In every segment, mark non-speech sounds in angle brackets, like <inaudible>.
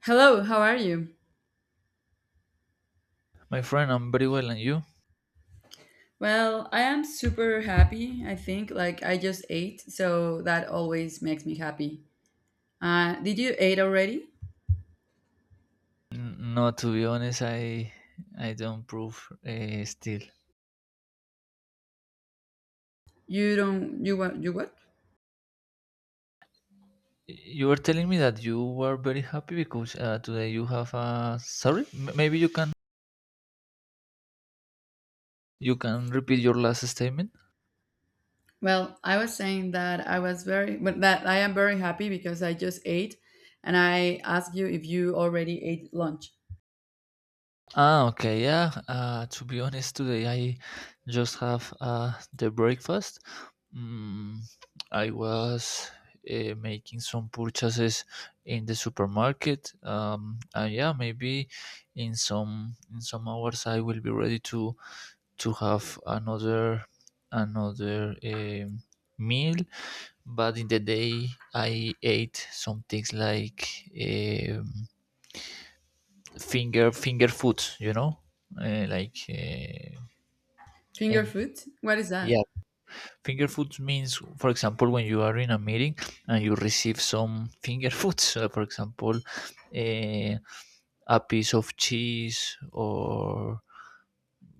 Hello, how are you? My friend, I'm very well, and you? Well, I am super happy, I think. Like, I just ate, so that always makes me happy. Did you eat already? No, to be honest, I don't prove still. You don't, you what, you what? You were telling me that you were very happy because today you have a. Sorry, maybe you can repeat your last statement. Well, I was saying that I was very, but that I am very happy because I just ate, and I asked you if you already ate lunch. Ah, okay, yeah. To be honest, today I just have the breakfast. Mm, I was making some purchases in the supermarket. And yeah, maybe in some hours I will be ready to have another meal. But in the day I ate some things like. Um, finger foods uh, like uh, Finger em- food? What is that? yeah, finger foods means, for example, when you are in a meeting and you receive some finger <laughs> foods, for example, a piece of cheese or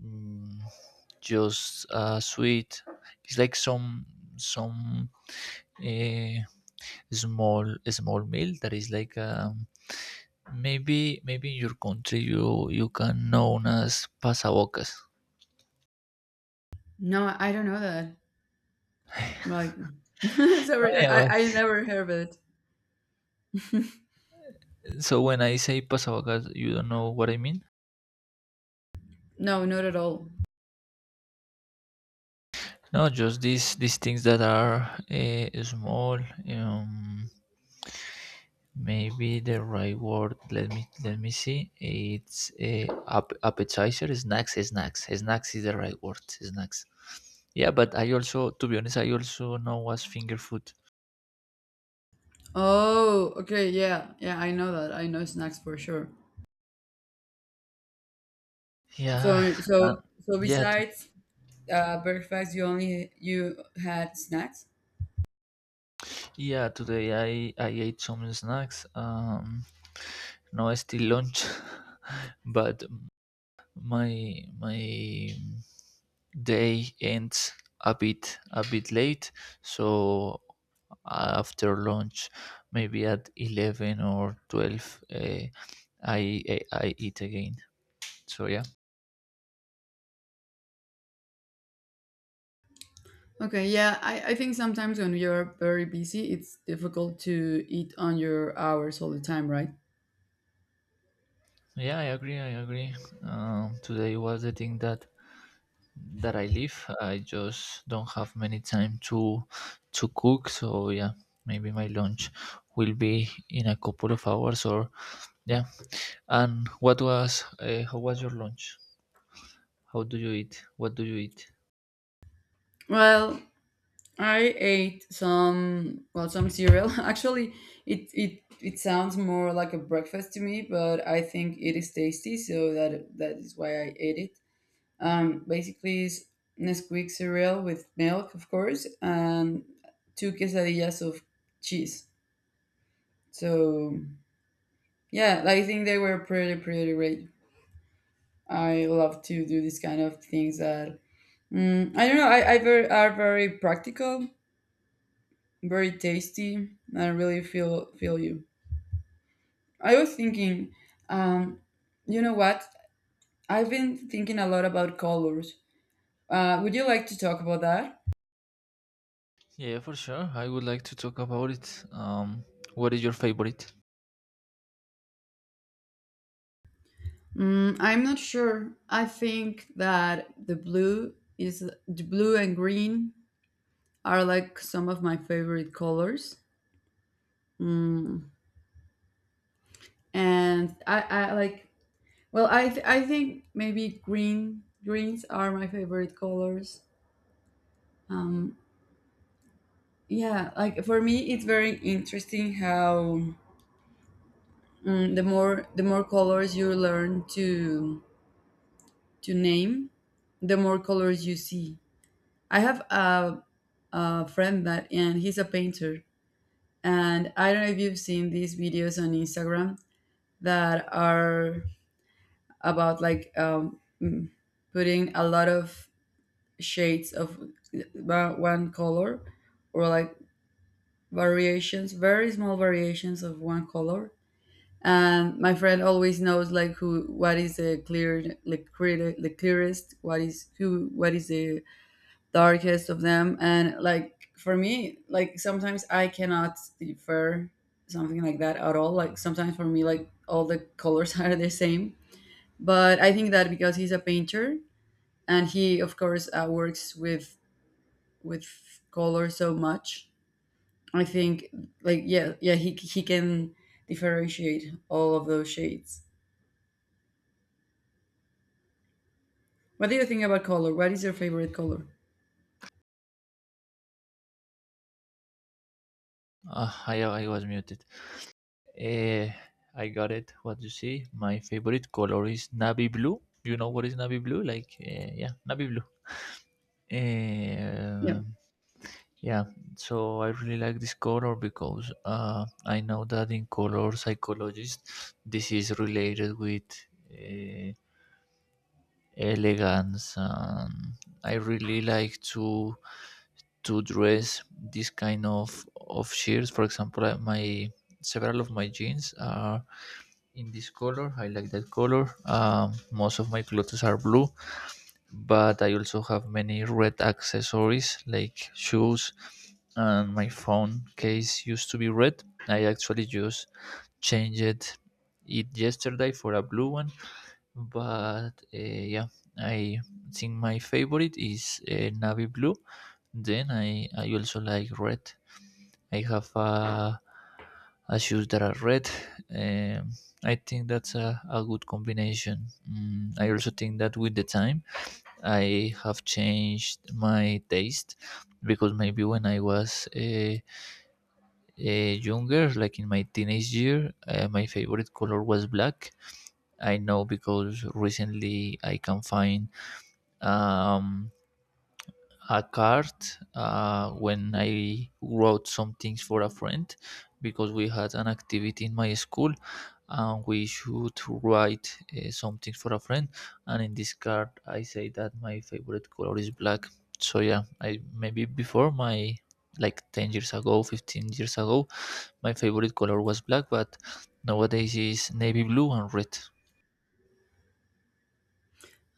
mm, just a sweet. It's like some uh, small meal that is like maybe in your country you can known as pasabocas. No, I don't know that. Like, <laughs> Oh, sorry, yeah, I, I but I never heard of it. so when I say pasavagas, you don't know what I mean? No, not at all. No, just these things that are small. Um, Maybe the right word. Let me see. It's a appetizer, snacks is the right word. Snacks. Yeah, but I also, to be honest, I also know what's finger food. Oh, okay, yeah, yeah, I know that. I know snacks for sure. Yeah, So, <laughs> uh, so, so yeah, to, besides breakfast, you had snacks. yeah. Today I ate some snacks. No, still lunch, <laughs> but my day ends a bit late, so after lunch maybe at 11 or 12 I eat again, so yeah. Okay, yeah, I think sometimes when you're very busy, it's difficult to eat on your hours all the time, right? Yeah, I agree, today was the thing that I live. I just don't have many time to cook, so yeah, maybe my lunch will be in a couple of hours, or yeah. And what was how was your lunch? How do you eat? What do you eat? Well, I ate some well some cereal. <laughs> Actually, it sounds more like a breakfast to me, but I think it is tasty, so that is why I ate it. Basically, it's Nesquik cereal with milk, of course, and two quesadillas of cheese. So yeah, I think they were pretty great. I love to do these kind of things that I don't know. I very practical, very tasty. I really feel you. I was thinking, um, you know what? I've been thinking a lot about colors. Would you like to talk about that? Yeah, for sure. I would like to talk about it. What is your favorite? Mm, I'm not sure. I think that the blue is the blue and green are like some of my favorite colors, and I like. Well, I think maybe greens are my favorite colors. Um, yeah, like for me, it's very interesting how the more colors you learn to name, the more colors you see. I have a friend that and he's a painter. And I don't know if you've seen these videos on Instagram that are about like putting a lot of shades of one color, or like variations, very small variations of one color. And my friend always knows like who, what is the clear, like clear, the clearest, what is who, what is the darkest of them. And like for me, like sometimes I cannot defer something like that at all. Like sometimes for me, like all the colors <laughs> are the same, but I think that because he's a painter and he, of course, works with color so much, I think, like, yeah, yeah, he can differentiate all of those shades. What do you think about color? What is your favorite color? I was muted. Eh, I got it. What you see? My favorite color is navy blue. You know what is navy blue? Like yeah, navy blue. Yeah, Um, yeah. So I really like this color because I know that in color psychologists, this is related with eh, elegance, and I really like to dress this kind of shirts. For example, my, several of my jeans are in this color. I like that color. Most of my clothes are blue, but I also have many red accessories like shoes, and my phone case used to be red. I actually just changed it yesterday for a blue one, but yeah, I think my favorite is navy blue. Then I also like red. I have a shoes that are red. Um, I think that's a good combination. I also think that with the time I have changed my taste, because maybe when I was younger, like in my teenage year, my favorite color was black. I know because recently I can find um, a card when I wrote some things for a friend, because we had an activity in my school, and we should write something for a friend. And in this card, I say that my favorite color is black. So yeah, I maybe before my, like 10 years ago, 15 years ago, my favorite color was black, but nowadays is navy blue and red.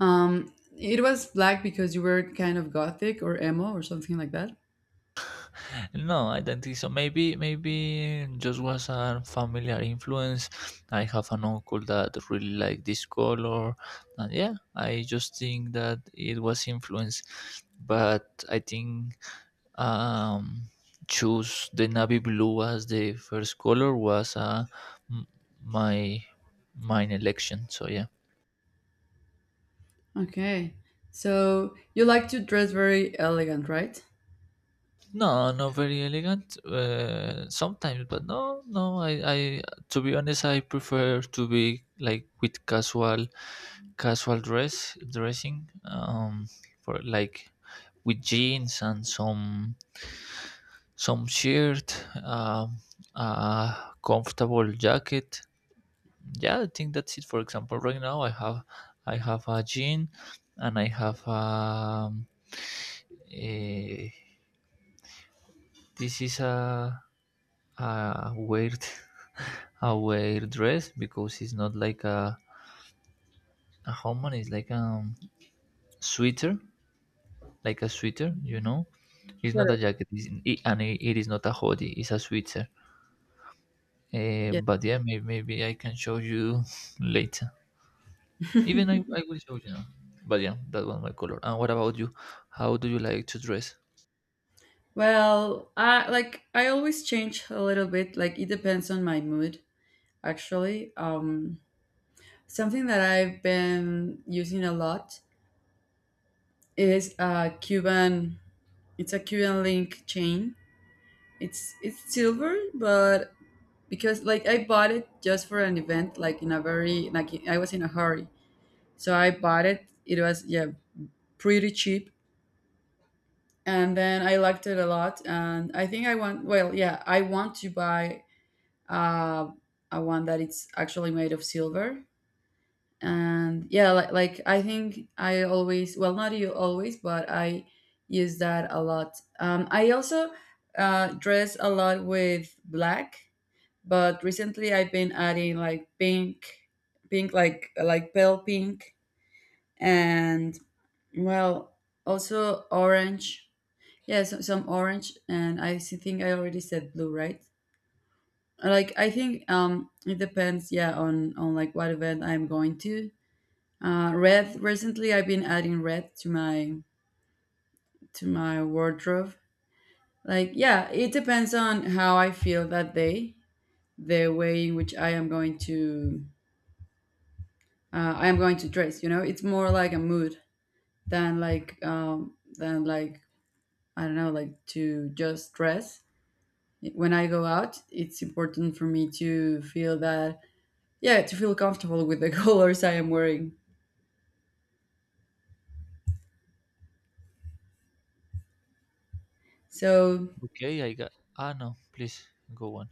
it was black because you were kind of gothic or emo or something like that. No, I don't think so. Maybe just was a familiar influence. I have an uncle that really liked this color, and yeah, I just think that it was influence. But I think um, choose the navy blue as the first color was m- my mine election. So yeah. Okay. So you like to dress very elegant, right? No, not very elegant. Sometimes, but no, no. To be honest, I prefer to be like with casual, dressing. For like with jeans and some shirt, um, a comfortable jacket. Yeah, I think that's it. For example, right now I have a jean, and I have a, this is a weird <laughs> a weird dress because it's not like a homan. It's like a sweater, you know, it's not Sure. a jacket. It is not a hoodie. It's a sweater. Yeah. But yeah, maybe I can show you <laughs> later. Even I will show you now, but yeah, that was my color. And what about you, how do you like to dress? Well, I always change a little bit. Like it depends on my mood, actually. Something that I've been using a lot is a Cuban. It's a Cuban link chain. It's silver, but because like I bought it just for an event, like in a very, like I was in a hurry, so I bought it. It was, yeah, pretty cheap, and then I liked it a lot. And I think I want, well, yeah, I want to buy uh, a one that it's actually made of silver. And yeah, like I think I always, well, not you always, but I use that a lot. I also dress a lot with black, but recently I've been adding like pink, pink, like pale pink, and, well, also orange. Yeah, so, some orange, and I think I already said blue, right? Like I think it depends, yeah, on like what event I'm going to. Red, recently, I've been adding red to my wardrobe. Like yeah, it depends on how I feel that day, the way in which I am going to dress. You know, it's more like a mood than like I don't know, like to just dress. When I go out, it's important for me to feel that, yeah, to feel comfortable with the <laughs> colors I am wearing. So, Okay, I got. Ah, no, please go on.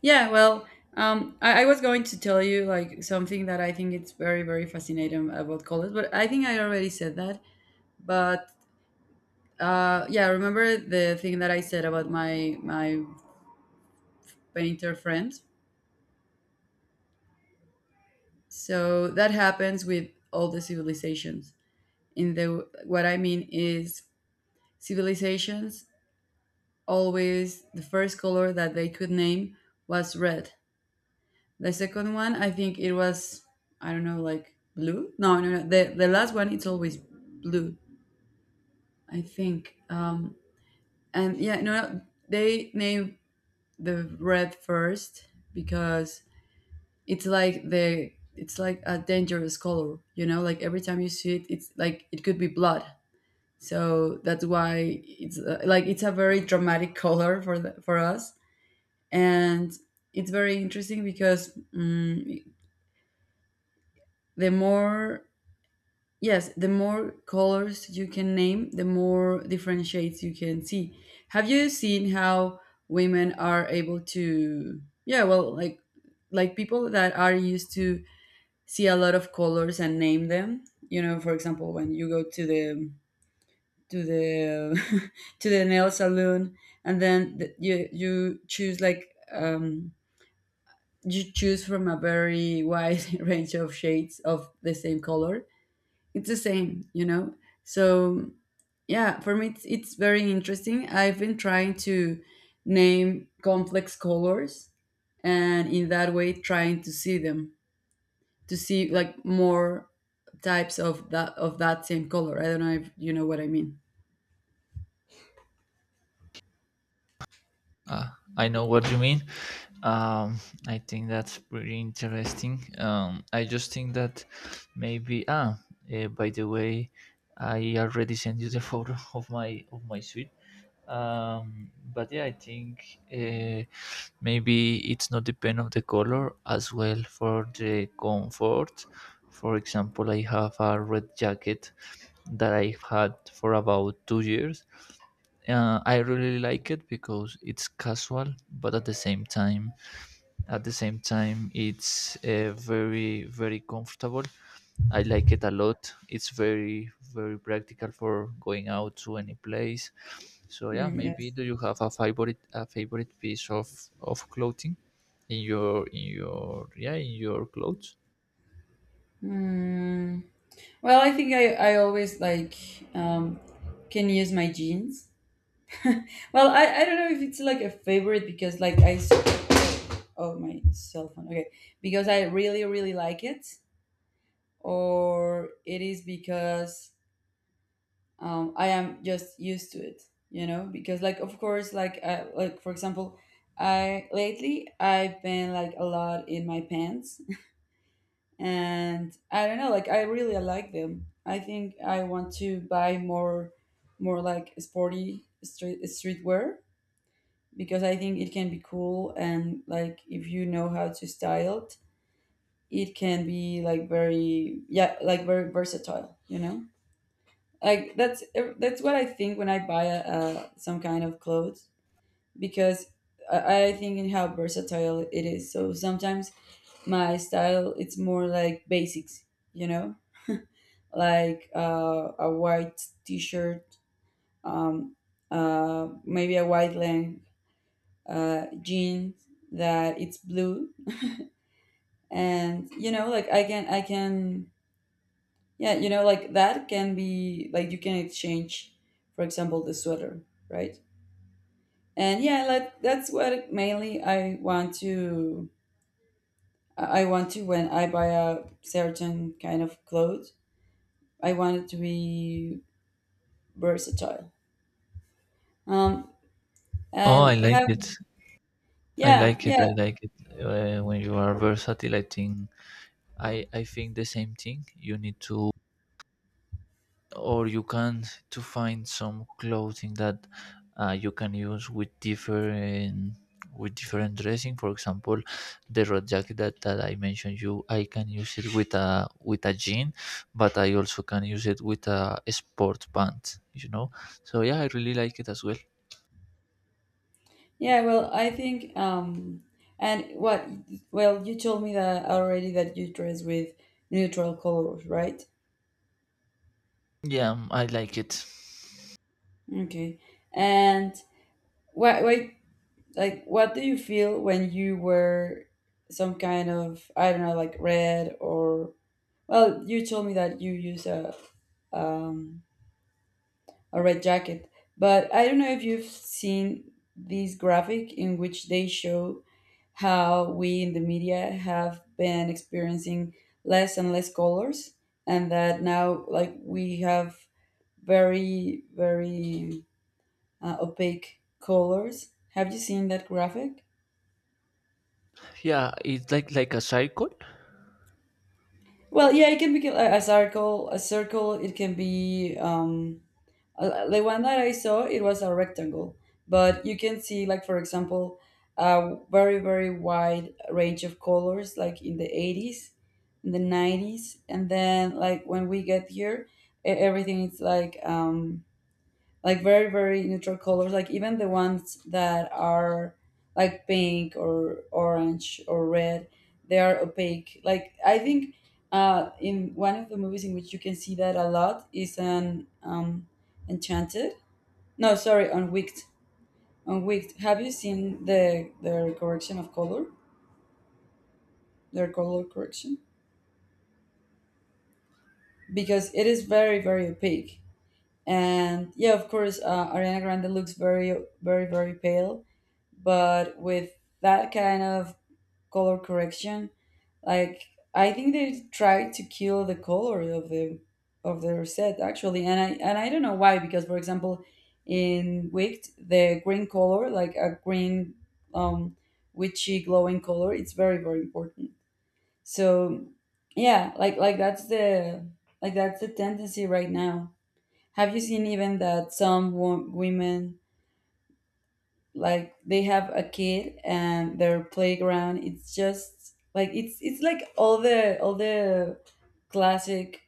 yeah, well, I was going to tell you like something that I think it's very, very fascinating about colors, but I think I already said that. But yeah, remember the thing that I said about my painter friend. So that happens with all the civilizations. In the, what I mean is, civilizations always, the first color that they could name was red. The second one, I think it was, I don't know, like blue. No, no, no. The last one, it's always blue, I think. And yeah, no, no, they name the red first because it's like a dangerous color. You know, like every time you see it, it's like it could be blood. So that's why it's like it's a very dramatic <laughs> color for the, for us. And it's very interesting because the more, yes, the more colors you can name, the more different shades you can see. Have you seen how women are able to, yeah, well, like people that are used to see a lot of colors and name them, you know, for example, when you go to the to the <laughs> to the nail salon, and then the, you choose like you choose from a very wide <laughs> range of shades of the same color. It's the same, you know? So, yeah, for me, it's very interesting. I've been trying to name complex colors and in that way trying to see them, to see like more types of that same color. I don't know if you know what I mean. Uh, I know what you mean. Um, I think that's pretty interesting. I just think that maybe by the way, I already sent you the photo <laughs> of my suite. But yeah, I think maybe it's not depend of the color as well for the comfort. For example, I have a red jacket that I have had for about 2 years. I really like it because it's casual, but at the same time, it's very comfortable. I like it a lot. It's very practical for going out to any place. So yeah, Mm, maybe yes. do you have a favorite, piece of clothing in your clothes? Mm. Well, I think I always like, um, can use my jeans. Well, I don't know if it's like a favorite because like oh, my cell phone, okay, because I really like it, or it is because I am just used to it, you know, because like, of course, like I, like for example, I lately I've been like a lot in my pants <laughs> and I don't know, like I really like them. I think I want to buy more, like sporty streetwear, because I think it can be cool, and like if you know how to style it, it can be like very, yeah, like very versatile. You know, like that's what I think when I buy a, some kind of clothes, because I think in how versatile it is. So sometimes my style it's more like basics. You know, like a white t-shirt, um, maybe a white length jeans that it's blue. And you know, like I can, yeah, you know, like that can be like, you can exchange, for example, the sweater, right? And yeah, like that's what mainly I want to, I want to, when I buy a certain kind of clothes, I want it to be versatile. um Oh, I and like have, it. I yeah, like it. yeah, I like it. When you are versatile, I think I think the same thing. You need to, or you can, to find some clothing that you can use with different, dressing. For example, the red jacket that, that I mentioned you, I can use it with a, jean, but I also can use it with a sport pants. You know, so yeah, I really like it as well. yeah. Well, I think, and what, well, you told me that already, that you dress with neutral colors, right? Yeah, I like it. Okay. And what, like what do you feel when you wear some kind of, I don't know, like red? Or, well, you told me that you use um a red jacket. But I don't know if you've seen this graphic in which they show how we in the media have been experiencing less and less colors, and that now like we have very, very opaque colors. Have you seen that graphic? Yeah, it's like a cycle. Well, yeah, it can be a circle. A circle. It can be the one that I saw. It was a rectangle, but you can see, like for example, a very very wide range of colors, like in the 80s, in the 90s, and then like when we get here, everything is like very very neutral colors, like even the ones that are like pink or orange or red, they are opaque. Like I think in one of the movies in which you can see that a lot is an Enchanted, no, sorry, on Wicked. On Wicked, have you seen their correction of color, their color correction? Because it is very very opaque, and yeah, of course, Ariana Grande looks very very very pale, but with that kind of color correction, like I think they tried to kill the color of the of their set, actually. And I don't know why, because for example, in Wicked, the green color, like a green, um witchy glowing color, it's very very important. So yeah, like that's the, that's the tendency right now. Have you seen even that some women, like they have a kid and their playground, it's just like, it's like all the classic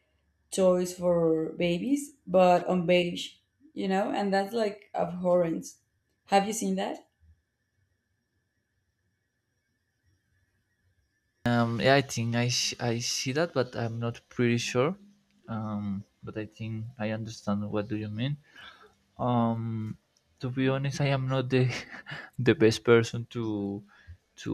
toys for babies, but on beige, you know, and that's like abhorrent. Have you seen that? Yeah, I think I see that, but I'm not pretty sure. But I think I understand what do you mean. Um, to be honest, I am not the <laughs> the best person to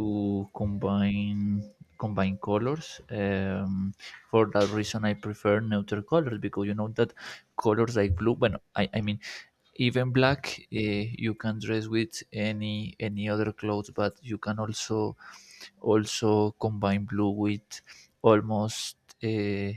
combine colors. For that reason, I prefer neutral colors because you know that colors like blue. Well, I mean, even black, you can dress with any other clothes, but you can also combine blue with almost, uh,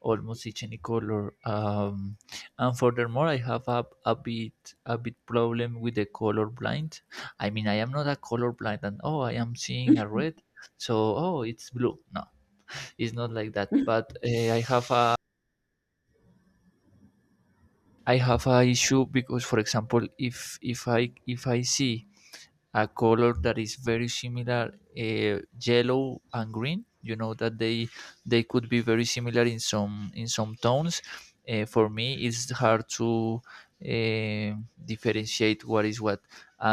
almost each any color. And furthermore, I have a bit problem with the color blind. I mean, I am not a color blind, and oh, I am seeing a red, so oh, it's blue. No, it's not like that. But I have a issue because, for example, if I see a color that is very similar, yellow and green. You know that they could be very similar in some, tones. For me, it's hard to uh, differentiate what is what,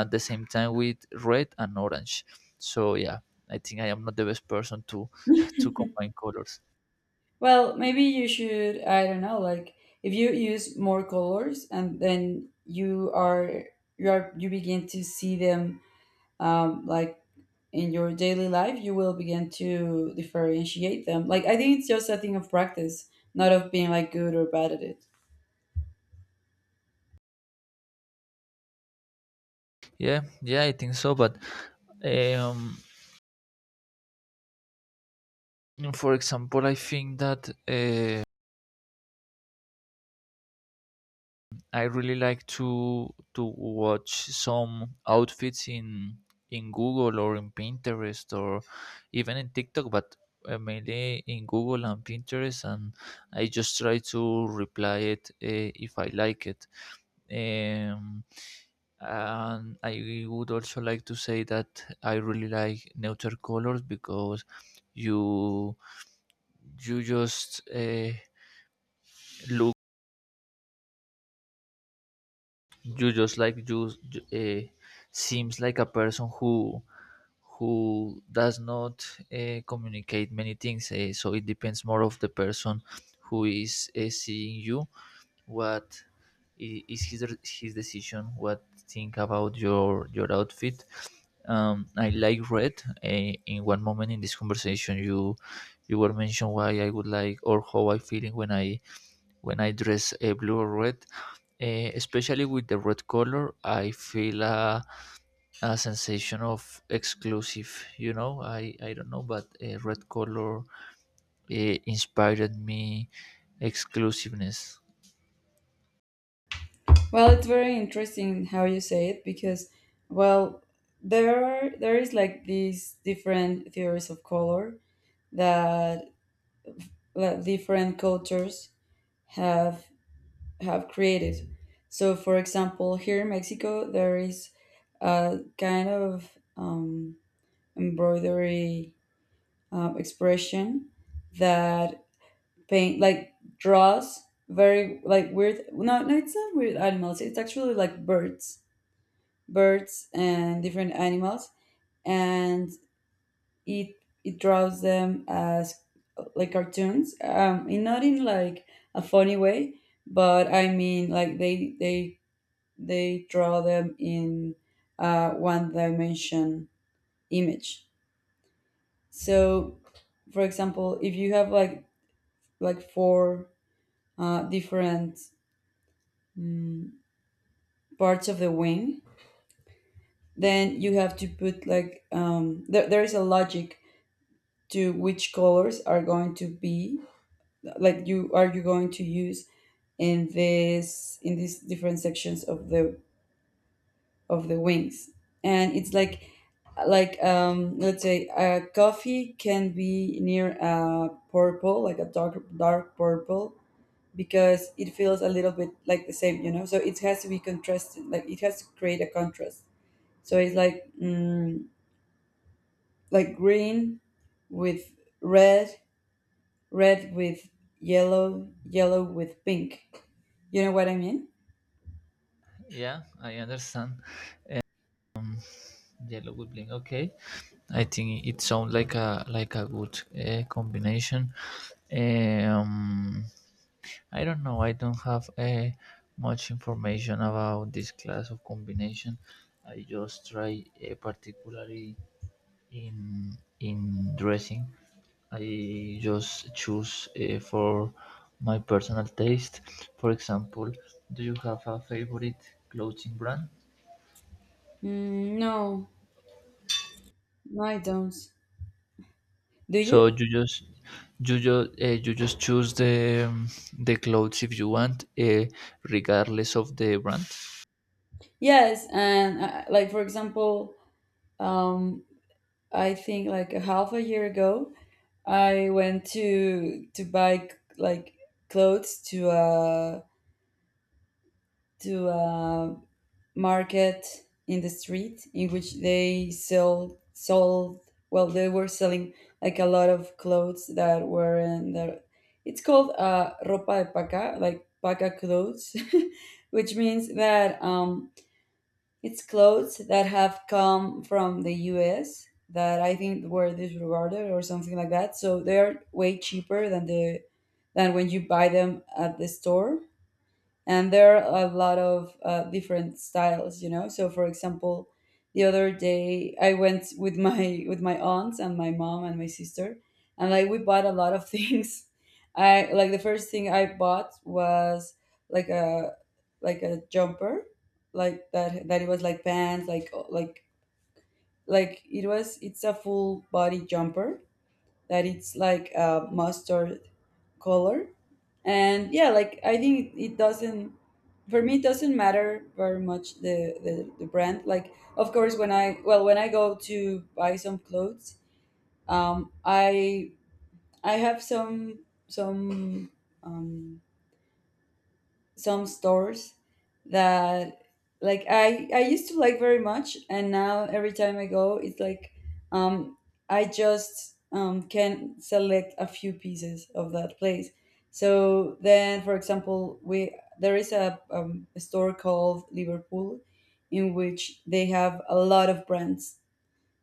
at the same time with red and orange. So yeah, I think I am not the best person to <laughs> to combine <laughs> colors. Well, maybe you should, I don't know, like if you use more colors and then you begin to see them, like in your daily life, you will begin to differentiate them. Like, I think it's just a thing of practice, not of being like good or bad at it. Yeah, yeah, I think so, but um for example, I think that I really like to watch some outfits in Google or in Pinterest or even in TikTok, but mainly in Google and Pinterest, and I just try to reply it if I like it. Um, and I would also like to say that I really like neutral colors, because you you just look, you just like you, uh, seems like a person who does not communicate many things. So it depends more of the person who is seeing you. What is his decision? What think about your outfit? I like red. In one moment in this conversation, you were mentioned why I would like or how I feeling when I dress blue or red. Especially with the red color, I feel a sensation of exclusive. I don't know, but red color inspired me exclusiveness. Well, it's very interesting how you say it, because, well, there is like these different theories of color that different cultures have have created. So, for example, here in Mexico, there is a kind of embroidery, expression that paint, like, draws very like weird, no, no, it's not weird animals, it's actually like birds, birds and different animals, and it it draws them as like cartoons, in, not in like a funny way, but I mean, like they draw them in one dimension image. So for example, if you have like four different, mm, parts of the wing, then you have to put like, there, there is a logic to which colors are going to be, like, you going to use in this, in these different sections of the wings, and it's like, let's say a coffee can be near a purple, like a dark dark purple, because it feels a little bit like the same, you know, so it has to be contrasted, like it has to create a contrast. So it's like, like green with red, red with yellow, yellow with pink. You know what I mean? Yeah, I understand. Yellow with blink, okay. I think it sounds like a good combination. um I don't know, I don't have much information about this class of combination. I just try particularly in in dressing. I just choose for my personal taste. For example, do you have a favorite clothing brand? Mm, no, no, I don't. Do So you? You just choose the clothes if you want, regardless of the brand. Yes, and like for example, um, I think like a half a year ago, I went to buy like clothes to a market in the street in which they sell sold, well, they were selling like a lot of clothes that were in the, it's called ropa de paca, like paca clothes, <laughs> which means that it's clothes that have come from the US, that I think were disregarded or something like that, so they're way cheaper than the than when you buy them at the store. And there are a lot of different styles, you know, so for example, the other day I went with my <laughs> with my aunts and my mom and my sister, and like we bought a lot of things. <laughs> I like the first thing I bought was like a, like a jumper, like that, that it was like pants, like, like it was it's a full body jumper that it's like a mustard color. And yeah, like I think it doesn't, for me it doesn't matter very much the, the brand. Like of course, when I well when I go to buy some clothes, I have some some um stores that like I used to like very much, and now every time I go, it's like, um, I just can select a few pieces of that place. So then, for example, we, there is a store called Liverpool, in which they have a lot of brands.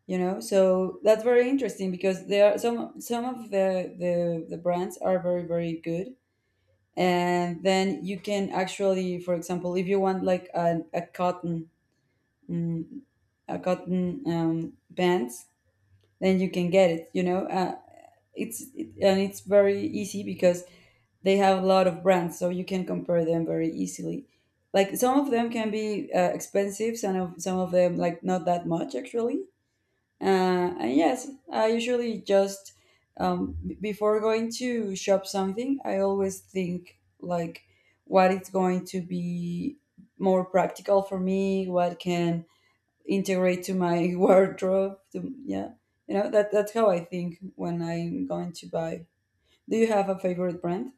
You know, so that's very interesting because there are some of the brands are very very good, and then you can actually, for example, if you want like a cotton, mm, a cotton, pants, then you can get it, you know. It's it, and it's very easy because they have a lot of brands, so you can compare them very easily. Like some of them can be expensive, some of them like not that much, actually. uh, and yes, I usually just before going to shop something, I always think like what is going to be more practical for me, what can integrate to my <laughs> wardrobe. To, yeah, you know, that that's how I think when I'm going to buy. Do you have a favorite brand?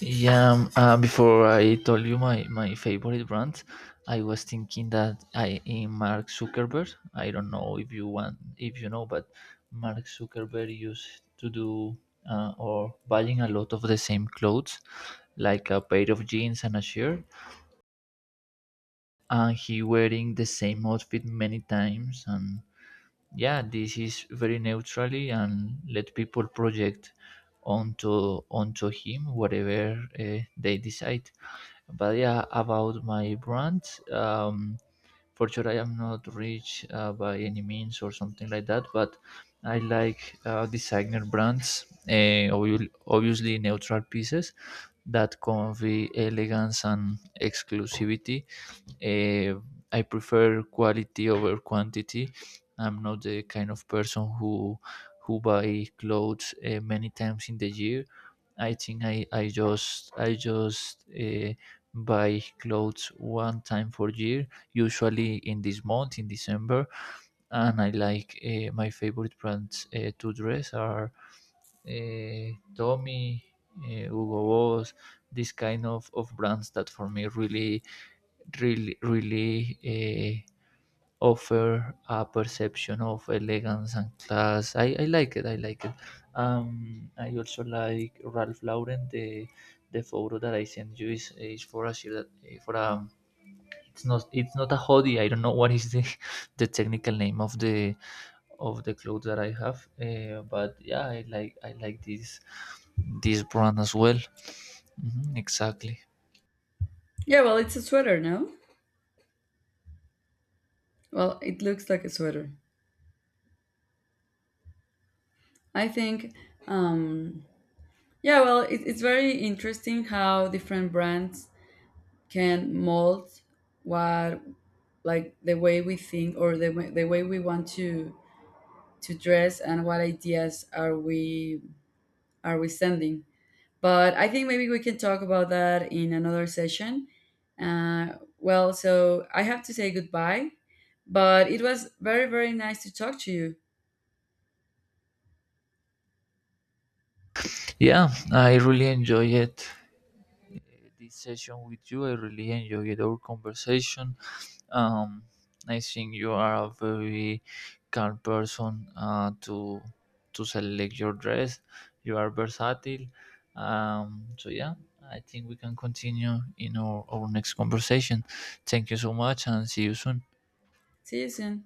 Yeah, before I told you my favorite brand, I was thinking that I in Mark Zuckerberg. I don't know if you want, if you know, but Mark Zuckerberg used to do or buying a lot of the same clothes, like a pair of jeans and a shirt, and he wearing the same outfit many times. And yeah, this is very neutrally and let people project onto him whatever they decide. But yeah, about my brand, um for sure, I am not rich by any means or something like that, but I like designer brands, obviously neutral pieces that convey elegance and exclusivity. uh, I prefer quality over quantity. I'm not the kind of person who buy clothes many times in the year. I think I just buy clothes one time for year, usually in this month in December. And I like my favorite brands to dress are uh, Tommy, Hugo Boss, this kind of brands that for me really offer a perception of elegance and class. I like it. I like it. I also like Ralph Lauren. The photo that I sent you is for a shirt that for a, it's not a hoodie. I don't know what is the <laughs> the technical name of the clothes that I have. But yeah, I like this brand as well. Mhm, exactly. Yeah, well, it's a sweater, no? Well, it looks like a sweater. I think, um, yeah, well, it, it's very interesting how different brands can mold what, like the way we think, or the way we want to dress, and what ideas are we sending. But I think maybe we can talk about that in another session. uh, well, so I have to say goodbye, but it was very very nice to talk to you. Yeah, I really enjoy it. This session with you. I really enjoyed our conversation. Um, I think you are a very calm person to select your dress. You are versatile. So yeah, I think we can continue in our next conversation. Thank you so much and see you soon. See you soon